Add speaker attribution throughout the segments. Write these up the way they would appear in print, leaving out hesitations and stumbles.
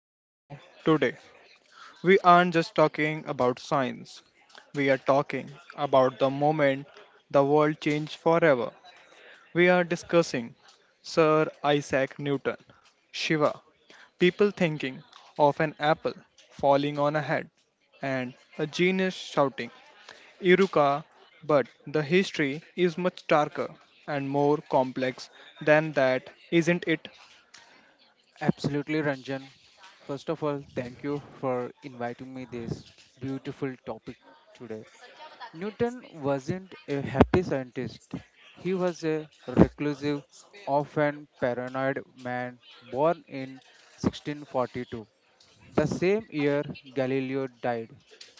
Speaker 1: to the show. Today, we aren't just talking about science, we are talking about the moment the world changed forever. We are discussing Sir Isaac Newton, Shiva, people thinking of an apple falling on a head, and a genius shouting, Iruka. But the history is much darker and more complex than that, isn't it?
Speaker 2: Absolutely, Ranjan. First of all, thank you for inviting me this beautiful topic today. Newton wasn't a happy scientist. He was a reclusive, often paranoid man born in 1642, the same year Galileo died.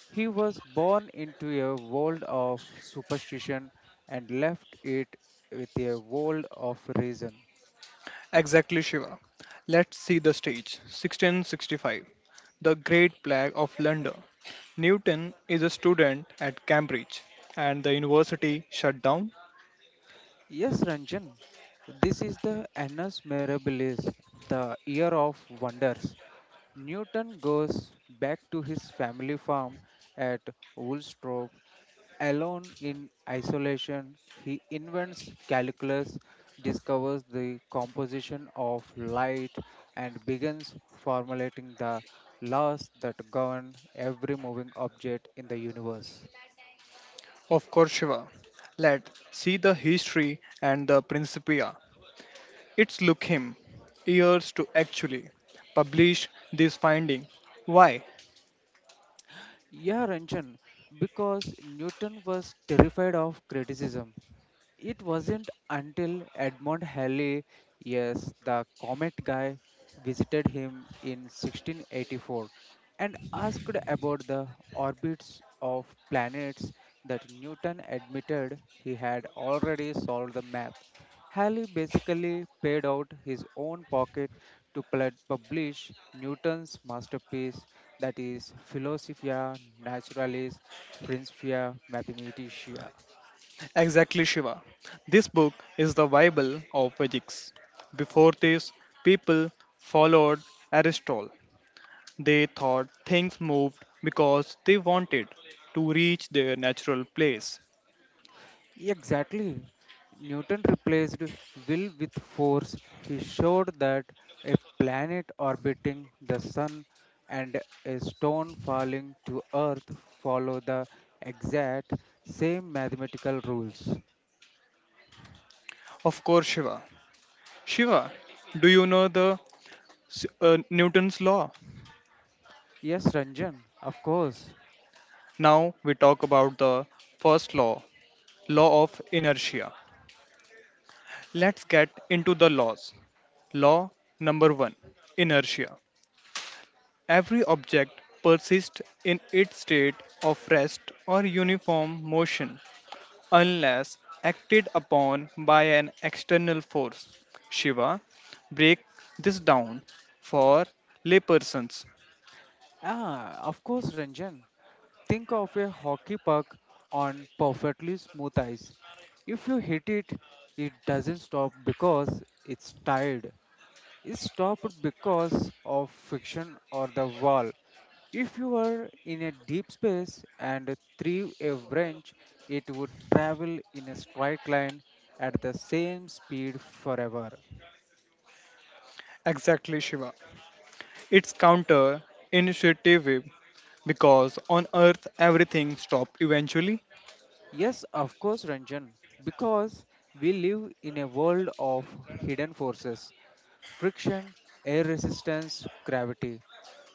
Speaker 2: He was born into a world of superstition and left it with a world of reason.
Speaker 1: Exactly, Shiva. Let's see the stage. 1665. The Great Plague of London. Newton is a student at Cambridge and the university shut down
Speaker 2: Yes, Ranjan, this is the Annus Mirabilis, the year of wonders. Newton goes back to his family farm at Woolsthorpe. Alone in isolation, he invents calculus, discovers the composition of light, and begins formulating the laws that govern every moving object in the universe.
Speaker 1: of Corsiva. Let's see the history and the Principia. It's took him years to actually publish this finding. Why?
Speaker 2: Yeah, Ranjan, because Newton was terrified of criticism. It wasn't until Edmond Halley, yes, the comet guy, visited him in 1684 and asked about the orbits of planets that Newton admitted he had already solved the math. Halley basically paid out his own pocket to publish Newton's masterpiece, that is, Philosophia Naturalis Principia Mathematica.
Speaker 1: Exactly, Shiva? This book is the Bible of physics. Before this, people followed Aristotle. They thought things moved because they wanted to reach their natural place.
Speaker 2: Exactly. Newton replaced will with force. He showed that a planet orbiting the sun and a stone falling to earth follow the exact same mathematical rules.
Speaker 1: Of course, Shiva. Shiva, do you know the Newton's law?
Speaker 2: Yes, Ranjan, of course.
Speaker 1: Now we talk about the first law, law of inertia. Let's get into the laws. Law number 1, inertia. Every object persists in its state of rest or uniform motion unless acted upon by an external force. Shiva, break this down for laypersons.
Speaker 2: Ah, of course, Ranjan. Think of a hockey puck on perfectly smooth ice. If you hit it, it doesn't stop because it's tired. Is stopped because of friction or the wall. If you were in a deep space and threw a wrench, it would travel in a straight line at the same speed forever.
Speaker 1: Exactly, Shiva. It's counter intuitive because on earth everything stops eventually.
Speaker 2: Yes, of course, Ranjan, because we live in a world of hidden forces, friction, air resistance, gravity.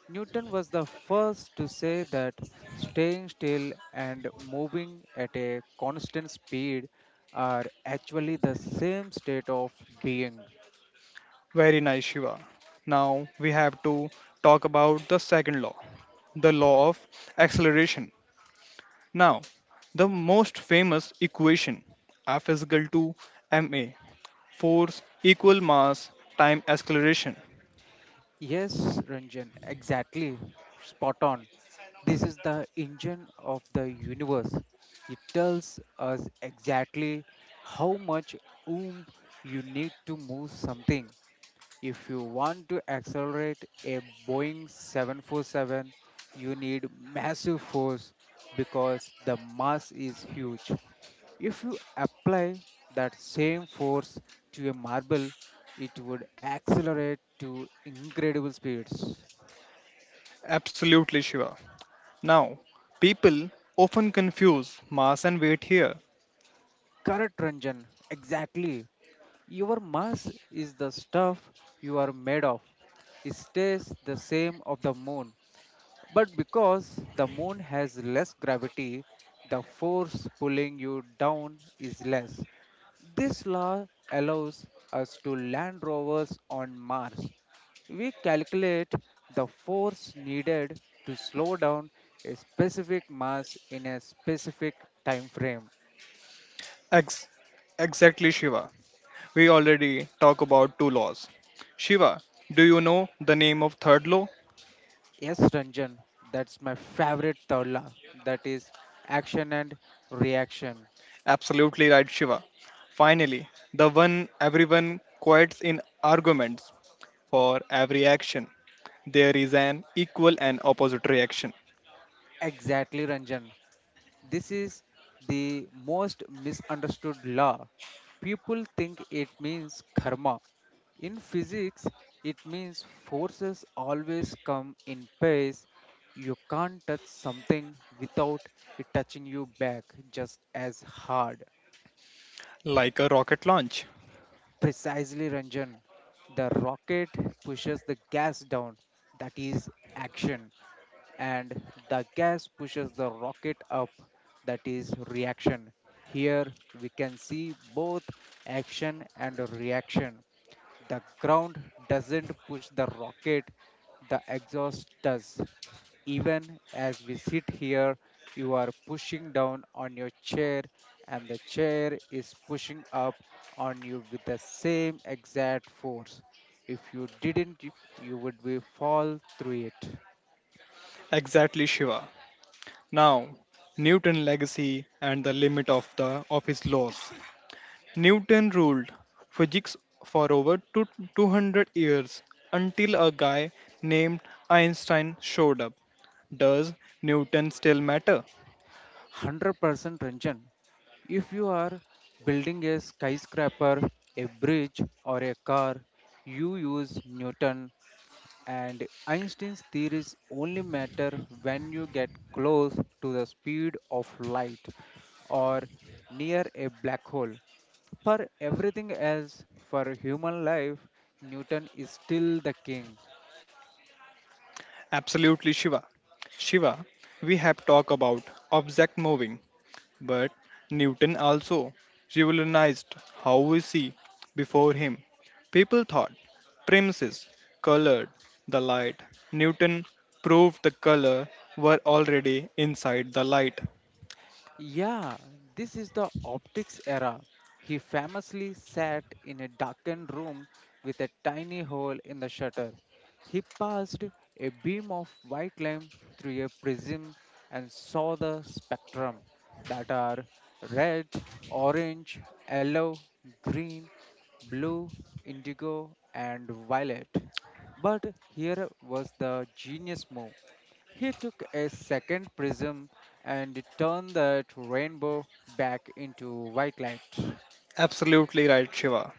Speaker 2: Newton was the first to say that staying still and moving at a constant speed are actually the same state of being.
Speaker 1: Very nice, Shiva. Now we have to talk about the second law, the law of acceleration. Now, the most famous equation F is equal to ma, force equal mass time acceleration.
Speaker 2: Yes, Ranjan, exactly. Spot on. This is the engine of the universe. It tells us exactly how much oomph you need to move something. If you want to accelerate a Boeing 747, you need massive force because the mass is huge. If you apply that same force to a marble, it would accelerate to incredible speeds.
Speaker 1: Absolutely, Shiva. Now, people often confuse mass and weight here.
Speaker 2: Correct, Ranjan. Exactly. Your mass is the stuff you are made of. It stays the same of the moon, but because the moon has less gravity, the force pulling you down is less. This law allows us to land rovers on Mars. We calculate the force needed to slow down a specific mass in a specific time frame.
Speaker 1: Ex- exactly, Shiva. We already talk about two laws. Shiva, do you know the name of third law?
Speaker 2: Yes, Ranjan, that's my favorite third law. That is action and reaction.
Speaker 1: Absolutely right, Shiva. Finally, the one everyone quotes in arguments. For every action, there is an equal and opposite reaction,
Speaker 2: Exactly, Ranjan. This is the most misunderstood law. People think it means karma. In physics, it means forces always come in pairs. You can't touch something without it touching you back just as hard.
Speaker 1: like a rocket launch.
Speaker 2: Precisely, Ranjan. The rocket pushes the gas down. That is action. And the gas pushes the rocket up, that is reaction. Here we can see both action and reaction. The ground doesn't push the rocket, the exhaust does. Even as we sit here, you are pushing down on your chair, and the chair is pushing up on you with the same exact force. If you didn't, you would be fall through it.
Speaker 1: Exactly, Shiva. Now, Newton legacy and the limit of his laws. Newton ruled physics for over 200 years until a guy named Einstein showed up. Does Newton still matter?
Speaker 2: 100% Ranjan. If you are building a skyscraper, a bridge, or a car, you use Newton, and Einstein's theories only matter when you get close to the speed of light or near a black hole. For everything else, for human life, Newton is still the king.
Speaker 1: Absolutely, Shiva. Shiva, we have talked about object moving, but Newton also revolutionized how we see before him. People thought premises colored the light. Newton proved the color were already inside the light.
Speaker 2: Yeah, this is the optics era. He famously sat in a darkened room with a tiny hole in the shutter. He passed a beam of white light through a prism and saw the spectrum, that are red, orange, yellow, green, blue, indigo, and violet. But here was the genius move. He took a second prism and turned that rainbow back into white light.
Speaker 1: Absolutely right, Shiva.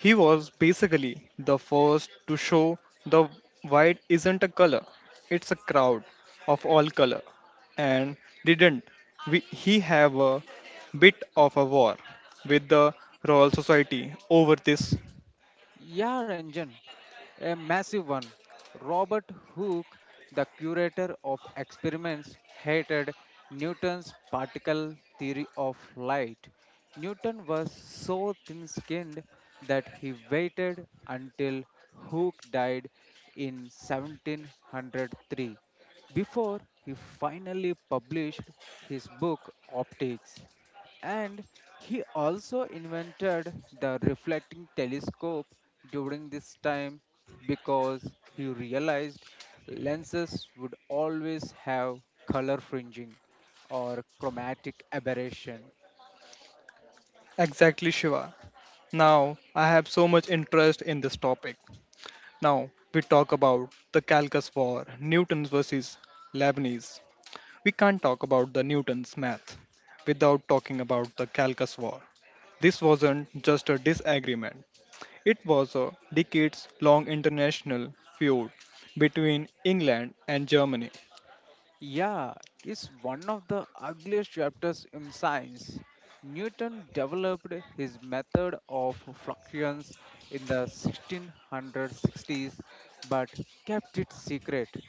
Speaker 1: He was basically the first to show the white isn't a color, it's a crowd of all color. And didn't he have a bit of a war with the Royal Society over this?
Speaker 2: Yeah, Ranjan, a massive one. Robert Hooke, the curator of experiments, hated Newton's particle theory of light. Newton was so thin skinned that he waited until Hooke died in 1703 before he finally published his book Optics. And he also invented the reflecting telescope during this time because he realized lenses would always have color fringing or chromatic aberration.
Speaker 1: Exactly, Shiva. Now I have so much interest in this topic. Now we talk about the Calcus War, Newton's versus Leibniz. We can't talk about the Newton's math without talking about the Calcus War. This wasn't just a disagreement, it was a decades long international feud between England and Germany.
Speaker 2: Yeah, is one of the ugliest chapters in science. Newton developed his method of fluxions in the 1660s but kept it secret.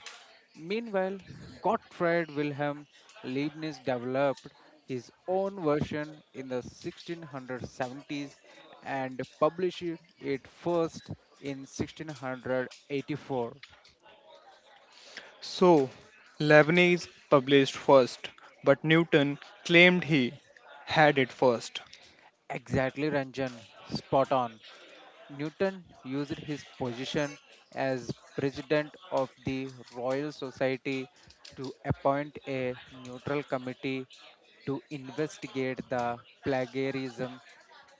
Speaker 2: Meanwhile, Gottfried Wilhelm Leibniz developed his own version in the 1670s and published it first in 1684.
Speaker 1: So, Leibniz published first, but Newton claimed he had it first.
Speaker 2: Exactly, Ranjan. Spot on. Newton used his position as president of the Royal Society to appoint a neutral committee to investigate the plagiarism.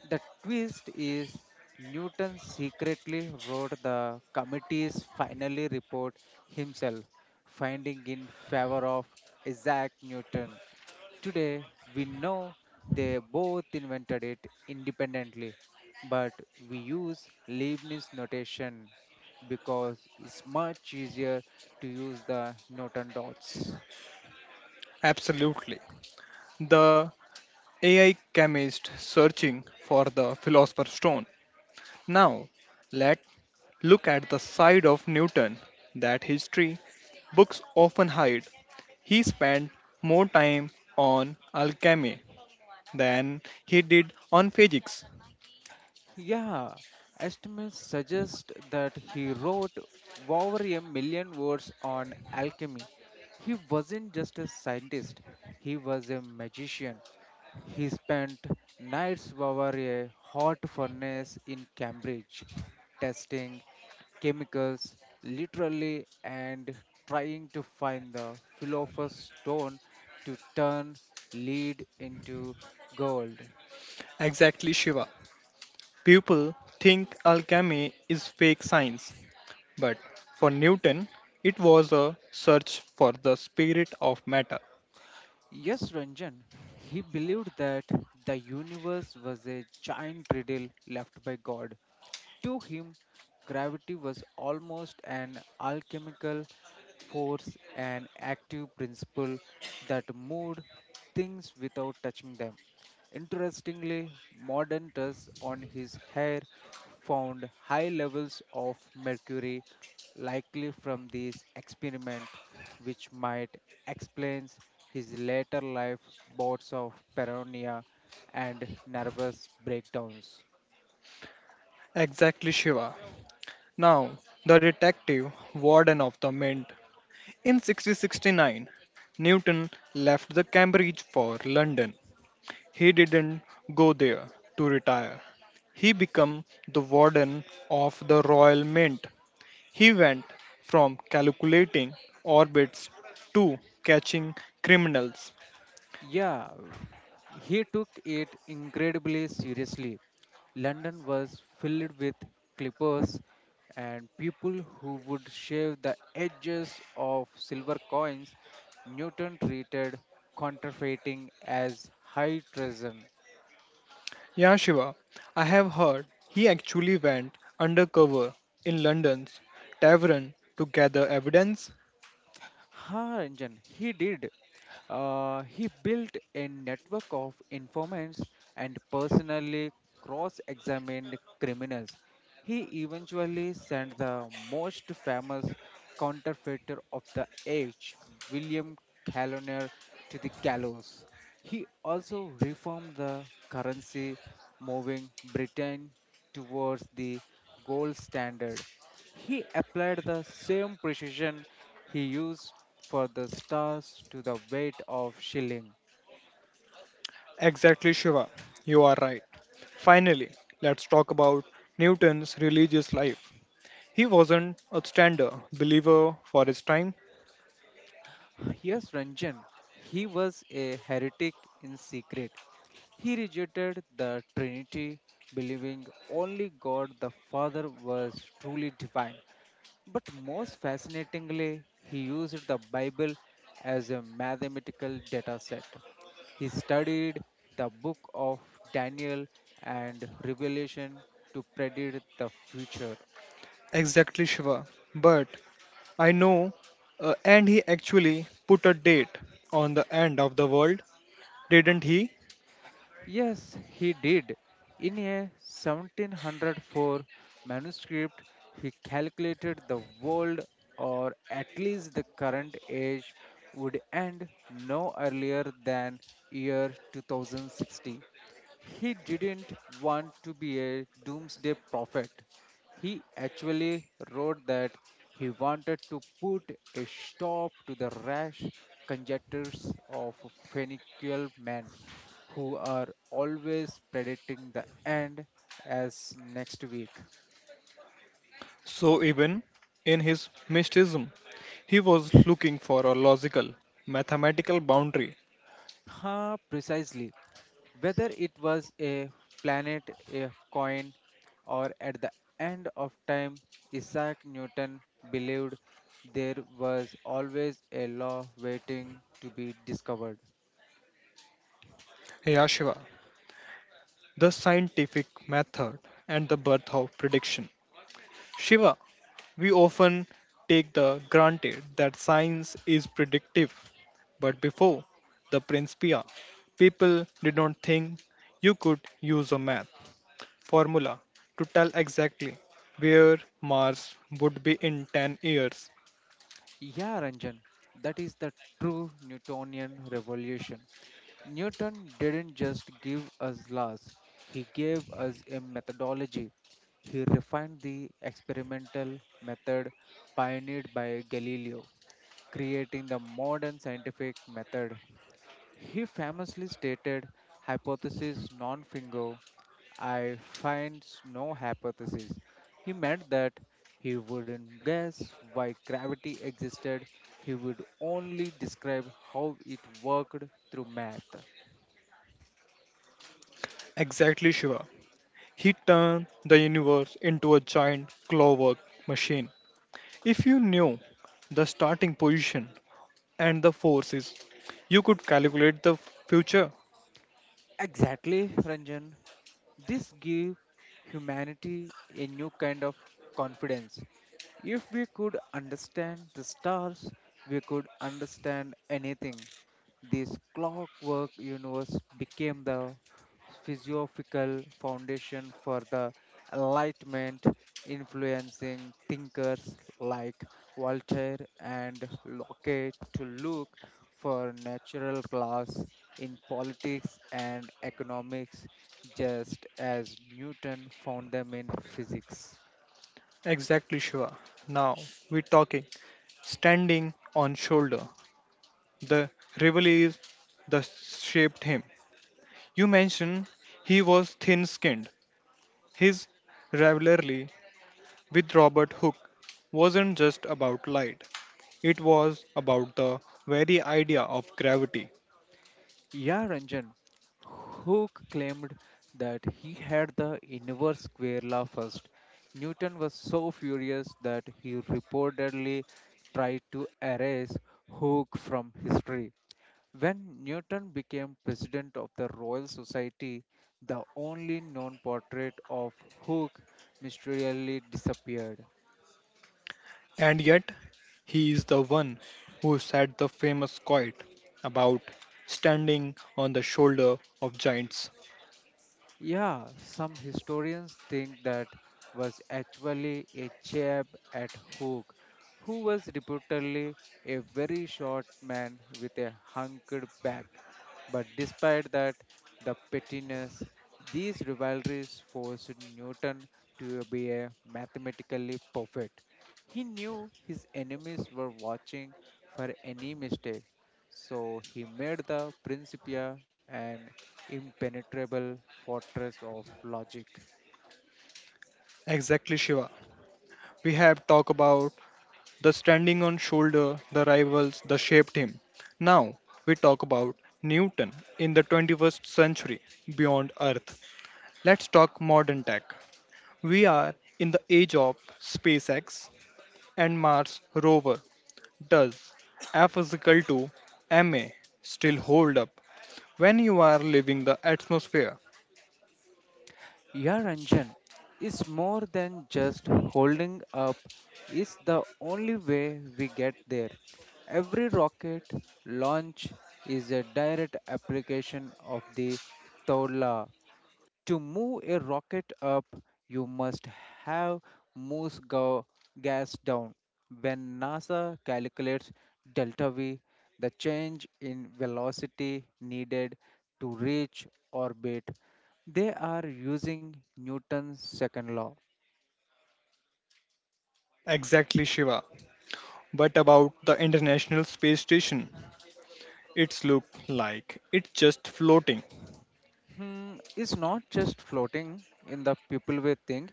Speaker 2: The twist is Newton secretly wrote the committee's final report himself, finding in favor of Isaac Newton. Today, we know they both invented it independently, but we use Leibniz notation because it's much easier to use the Norton dots.
Speaker 1: Absolutely. The AI chemist searching for the philosopher's stone. Now, let's look at the side of Newton that history books often hide. He spent more time on alchemy than he did on physics.
Speaker 2: Yeah, estimates suggest that he wrote over a million words on alchemy. He wasn't just a scientist, he was a magician. He spent nights over a hot furnace in Cambridge, testing chemicals literally and trying to find the philosopher's stone to turn lead into gold.
Speaker 1: Exactly, Shiva. People think alchemy is fake science, but for Newton, it was a search for the spirit of matter.
Speaker 2: Yes, Ranjan, he believed that the universe was a giant riddle left by God. To him, gravity was almost an alchemical force, an active principle that moved things without touching them. Interestingly, modern tests on his hair found high levels of mercury, likely from these experiments, which might explain his later life bouts of paranoia and nervous breakdowns.
Speaker 1: Exactly, Shiva. Now, the detective warden of the mint. In 1669, Newton left the Cambridge for London. He didn't go there to retire. He became the warden of the Royal Mint. He went from calculating orbits to catching criminals.
Speaker 2: Yeah, he took it incredibly seriously. London was filled with clippers and people who would shave the edges of silver coins. Newton treated counterfeiting as high treason.
Speaker 1: Yeah, Shiva, I have heard he actually went undercover in London's tavern to gather evidence.
Speaker 2: Ha, Ranjan, he did. He built a network of informants and personally cross examined criminals. He eventually sent the most famous counterfeiter of the age, William Caloner, to the gallows. He also reformed the currency, moving Britain towards the gold standard. He applied the same precision he used for the stars to the weight of shilling.
Speaker 1: Exactly, Shiva, you are right. Finally, let's talk about Newton's religious life. He wasn't a standard believer for his time.
Speaker 2: Here's Ranjan. He was a heretic in secret. He rejected the Trinity, believing only God the Father was truly divine. But most fascinatingly, he used the Bible as a mathematical data set. He studied the book of Daniel and Revelation to predict the future.
Speaker 1: Exactly, Shiva. But I know, and he actually put a date on the end of the world, didn't he?
Speaker 2: Yes, he did. In a 1704 manuscript, he calculated the world, or at least the current age, would end no earlier than year 2060. He didn't want to be a doomsday prophet. He actually wrote that he wanted to put a stop to the rash conjectures of Phoenician men who are always predicting the end as next week.
Speaker 1: So, even in his mysticism, he was looking for a logical, mathematical boundary.
Speaker 2: Ha, precisely. Whether it was a planet, a coin, or at the end of time, Isaac Newton believed there was always a law waiting to be discovered.
Speaker 1: Yeah, Shiva, the scientific method and the birth of prediction. Shiva, we often take the granted that science is predictive, but before the Principia, people did not think you could use a math formula to tell exactly where Mars would be in 10 years.
Speaker 2: Yeah, Ranjan, that is the true Newtonian revolution. Newton didn't just give us laws, he gave us a methodology. He refined the experimental method pioneered by Galileo, creating the modern scientific method. He famously stated, Hypothesis non fingo, I finds no hypothesis. He meant that he wouldn't guess why gravity existed, he would only describe how it worked through math.
Speaker 1: Exactly, Shiva. He turned the universe into a giant clockwork machine. If you knew the starting position and the forces, you could calculate the future.
Speaker 2: Exactly, Ranjan. This give humanity a new kind of confidence. If we could understand the stars, we could understand anything. This clockwork universe became the physiophical foundation for the Enlightenment, influencing thinkers like Voltaire and Locke to look for natural laws in politics and economics, just as Newton found them in physics.
Speaker 1: Exactly, Shiva. Now we're talking. Standing on shoulder, the rivalries that shaped him. You mentioned he was thin-skinned. His rivalry with Robert Hooke wasn't just about light. It was about the very idea of gravity.
Speaker 2: Yeah, Ranjan, who claimed that he had the inverse square law first. Newton was so furious that he reportedly tried to erase Hooke from history. When Newton became president of the Royal Society, the only known portrait of Hooke mysteriously disappeared.
Speaker 1: And yet, he is the one who said the famous quote about standing on the shoulder of giants.
Speaker 2: Yeah, some historians think that was actually a jab at Hook, who was reportedly a very short man with a hunked back. But despite that, the pettiness, these rivalries forced Newton to be a mathematically perfect. He knew his enemies were watching for any mistake, so he made the Principia an impenetrable fortress of logic.
Speaker 1: Exactly, Shiva. We have talked about the standing on shoulder, the rivals, the shaped him. Now we talk about Newton in the 21st century beyond Earth. Let's talk modern tech. We are in the age of SpaceX and Mars rover. Does F is equal to ma still hold up when you are leaving the atmosphere?
Speaker 2: Your Ranjan is more than just holding up, is the only way we get there. Every rocket launch is a direct application of the Tawla. To move a rocket up, you must have most go- gas down. When NASA calculates delta V, the change in velocity needed to reach orbit, they are using Newton's second law.
Speaker 1: Exactly, Shiva. But about the International Space Station, it's look like it's just floating.
Speaker 2: Hmm, it's not just floating in the people way thing.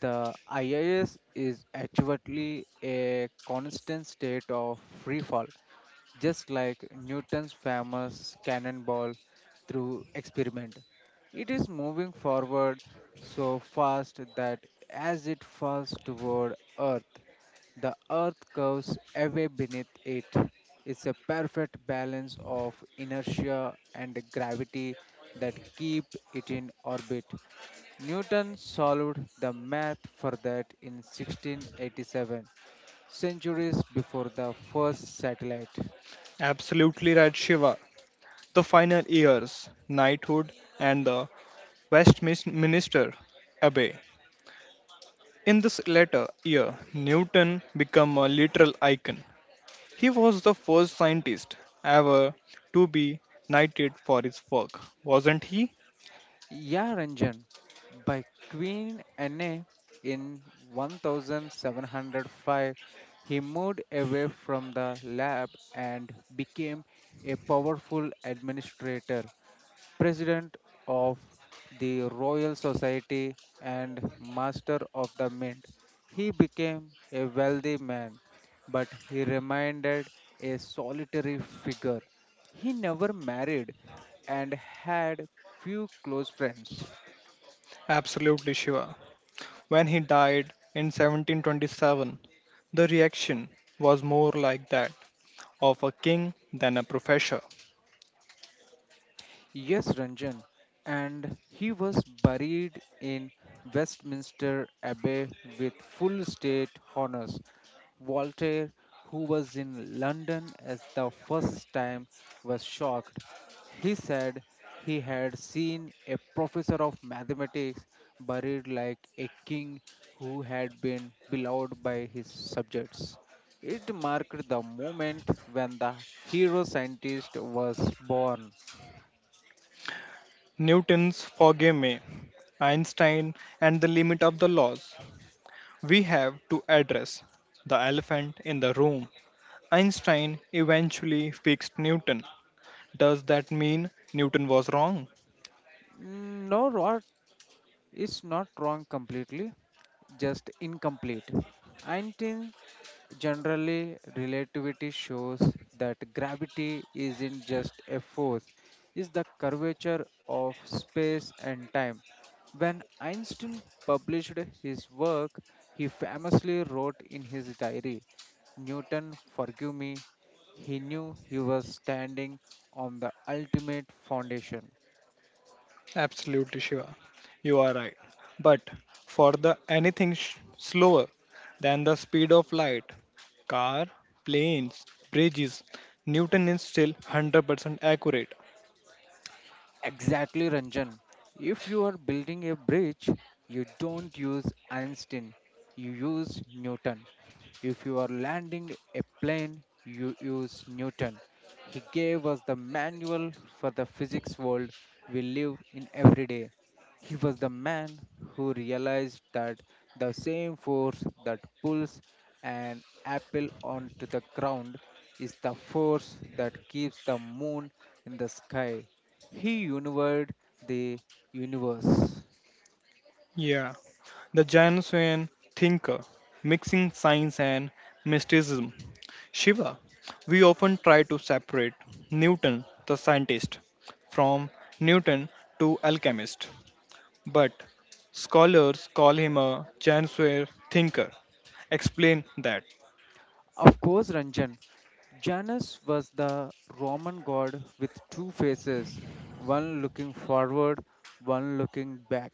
Speaker 2: The IIS is actually a constant state of free fall. Just like Newton's famous cannonball through experiment. It is moving forward so fast that as it falls toward Earth, the Earth curves away beneath it. It's a perfect balance of inertia and gravity that keep it in orbit. Newton solved the math for that in 1687, centuries before the first satellite.
Speaker 1: Absolutely right, Shiva. The final years, knighthood, and the Westminster Abbey. In this latter year, Newton became a literal icon. He was the first scientist ever to be knighted for his work, wasn't he?
Speaker 2: Ya Ranjan, by Queen Anne in 1705, he moved away from the lab and became a powerful administrator, president of the Royal Society and master of the mint. He became a wealthy man, but he remained a solitary figure. He never married and had few close friends.
Speaker 1: Absolutely sure. When he died in 1727, the reaction was more like that of a king than a professor.
Speaker 2: Yes, Ranjan, and he was buried in Westminster Abbey with full state honors. Voltaire, who was in London at the first time, was shocked. He said he had seen a professor of mathematics buried like a king who had been beloved by his subjects. It marked the moment when the hero scientist was born.
Speaker 1: Newton's Forgive Me, Einstein, and the Limit of the Laws. We have to address the elephant in the room. Einstein eventually fixed Newton. Does that mean Newton was wrong?
Speaker 2: No, Rod, it's not wrong completely, just incomplete. Einstein generally, relativity shows that gravity isn't just a force, it's the curvature of space and time. When Einstein published his work, he famously wrote in his diary, Newton, forgive me. He knew he was standing on the ultimate foundation.
Speaker 1: Absolutely, Shiva. You are right. But for the anything slower than the speed of light, car, planes, bridges, Newton is still 100% accurate.
Speaker 2: Exactly, Ranjan. If you are building a bridge, you don't use Einstein, you use Newton. If you are landing a plane, you use Newton. He gave us the manual for the physics world we live in every day. He was the man who realized that the same force that pulls an apple onto the ground is the force that keeps the moon in the sky. He universe the universe.
Speaker 1: Yeah, the Jansenian thinker, mixing science and mysticism. Shiva, we often try to separate Newton, the scientist, from Newton to alchemist, but scholars call him a Jansenian thinker. Explain that.
Speaker 2: Of course, Ranjan. Janus was the Roman god with two faces, one looking forward, one looking back.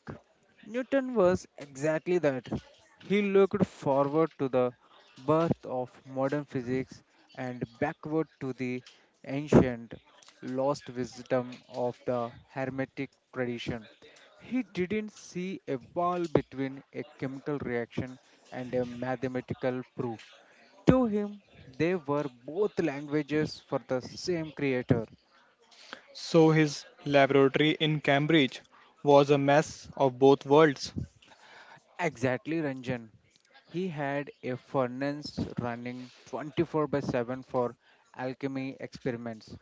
Speaker 2: Newton was exactly that. He looked forward to the birth of modern physics and backward to the ancient, lost wisdom of the Hermetic tradition. He didn't see a wall between a chemical reaction and a mathematical proof. To him, they were both languages for the same creator.
Speaker 1: So his laboratory in Cambridge was a mess of both worlds.
Speaker 2: Exactly, Ranjan. He had a furnace running 24 by 7 for alchemy experiments.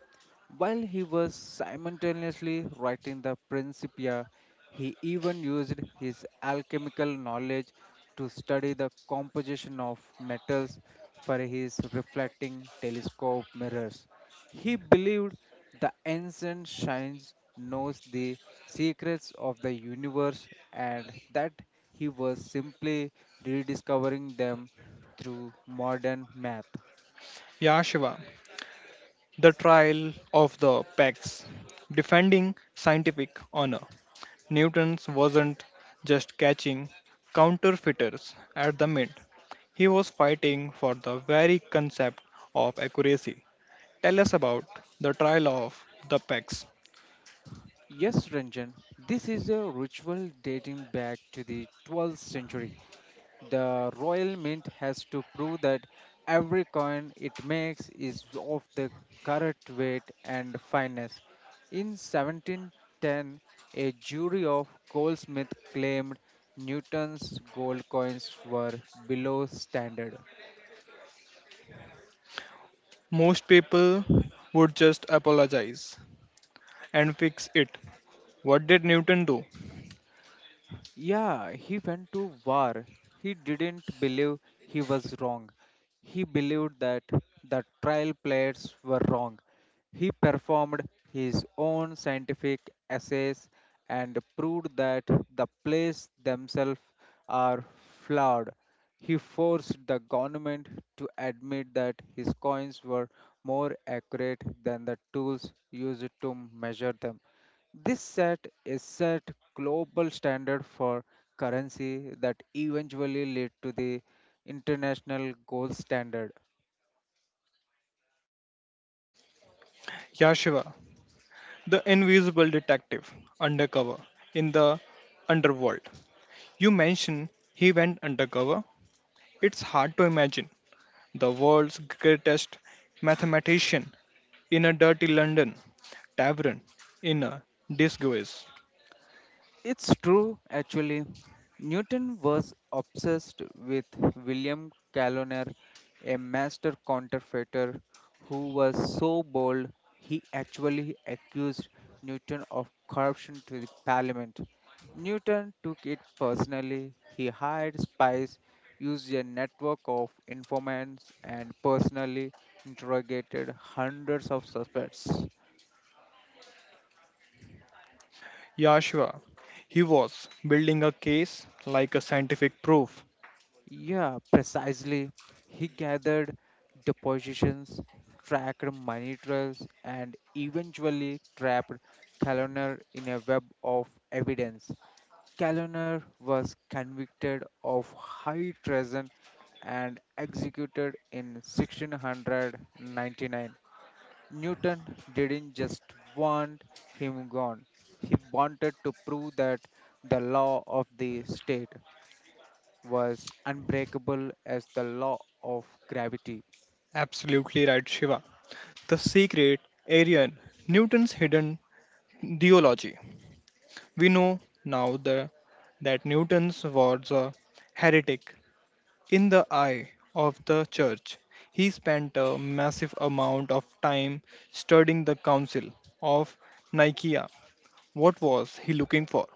Speaker 2: While he was simultaneously writing the Principia, he even used his alchemical knowledge to study the composition of metals for his reflecting telescope mirrors. He believed the ancient science knows the secrets of the universe and that he was simply rediscovering them through modern math.
Speaker 1: Yashiva, the trial of the Pax, defending scientific honor. Newton's wasn't just catching counterfeiters at the mint, he was fighting for the very concept of accuracy. Tell us about the trial of the pecs.
Speaker 2: Yes, Ranjan, this is a ritual dating back to the 12th century. The Royal Mint has to prove that every coin it makes is of the correct weight and fineness. In 1710, a jury of goldsmiths claimed Newton's gold coins were below standard.
Speaker 1: Most people would just apologize and fix it. What did Newton do?
Speaker 2: Yeah, he went to war. He didn't believe he was wrong. He believed that the trial players were wrong. He performed his own scientific essays and proved that the plays themselves are flawed. He forced the government to admit that his coins were more accurate than the tools used to measure them. This set is set global standard for currency that eventually led to the international gold standard.
Speaker 1: Yashiva, the invisible detective, undercover in the underworld. You mention he went undercover. It's hard to imagine the world's greatest mathematician in a dirty London tavern in a disguise.
Speaker 2: It's true, actually. Newton was obsessed with William Caloner, a master counterfeiter who was so bold he actually accused Newton of corruption to the parliament. Newton took it personally. He hired spies, used a network of informants, and personally interrogated hundreds of suspects.
Speaker 1: Yashua, he was building a case like a scientific proof.
Speaker 2: Yeah, precisely. He gathered depositions, tracked money trails, and eventually trapped Caloner in a web of evidence. Caloner was convicted of high treason and executed in 1699. Newton didn't just want him gone, he wanted to prove that the law of the state was unbreakable as the law of gravity.
Speaker 1: Absolutely right, Shiva. The secret, Arian, Newton's hidden theology. We know now that Newton was a heretic. In the eye of the church, he spent a massive amount of time studying the Council of Nicaea. What was he looking for?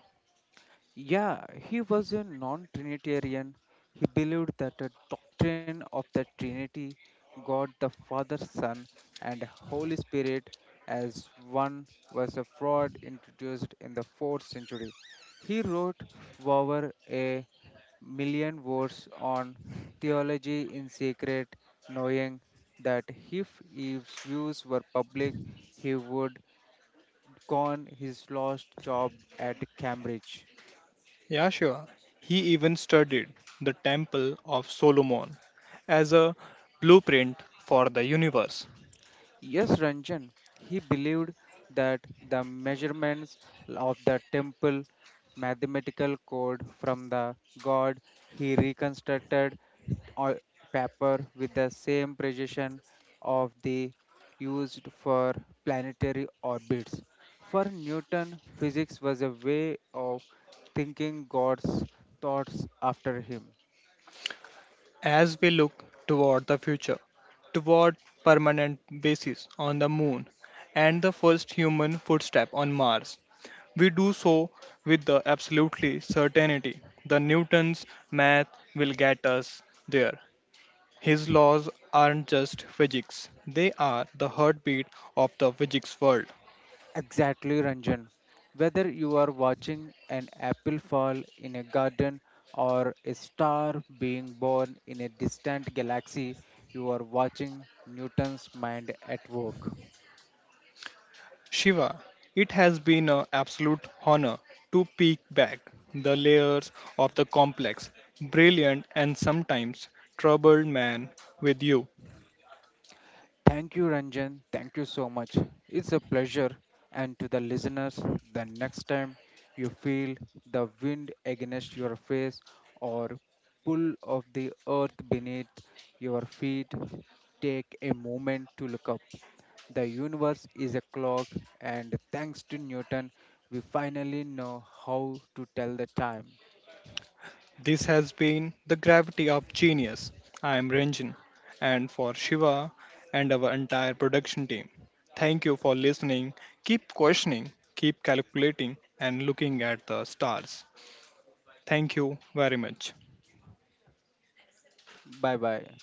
Speaker 2: Yeah, he was a non Trinitarian. He believed that the doctrine of the Trinity, God the Father, Son, and Holy Spirit as one, was a fraud introduced in the 4th century. He wrote over a million words on theology in secret, knowing that if his views were public, he would gone his lost job at Cambridge.
Speaker 1: Yeah, sure. He even studied the Temple of Solomon as a blueprint for the universe.
Speaker 2: Yes, Ranjan, he believed that the measurements of the temple mathematical code from the god he reconstructed on paper with the same precision of the used for planetary orbits. For Newton, physics was a way of thinking God's thoughts after him.
Speaker 1: As we look toward the future, toward permanent bases on the moon and the first human footstep on Mars, we do so with the absolutely certainty the Newton's math will get us there. His laws aren't just physics, they are the heartbeat of the physics world.
Speaker 2: Exactly, Ranjan. Whether you are watching an apple fall in a garden or a star being born in a distant galaxy, you are watching Newton's mind at work.
Speaker 1: Shiva, it has been an absolute honor to peek back the layers of the complex, brilliant, and sometimes troubled man with you.
Speaker 2: Thank you, Ranjan. Thank you so much. It's a pleasure. And to the listeners, the next time you feel the wind against your face or pull of the earth beneath your feet, take a moment to look up. The universe is a clock, and thanks to Newton, we finally know how to tell the time.
Speaker 1: This has been the gravity of genius. I am Ranjan, and for Shiva and our entire production team, thank you for listening. Keep questioning, keep calculating, and looking at the stars. Thank you very much.
Speaker 2: Bye bye.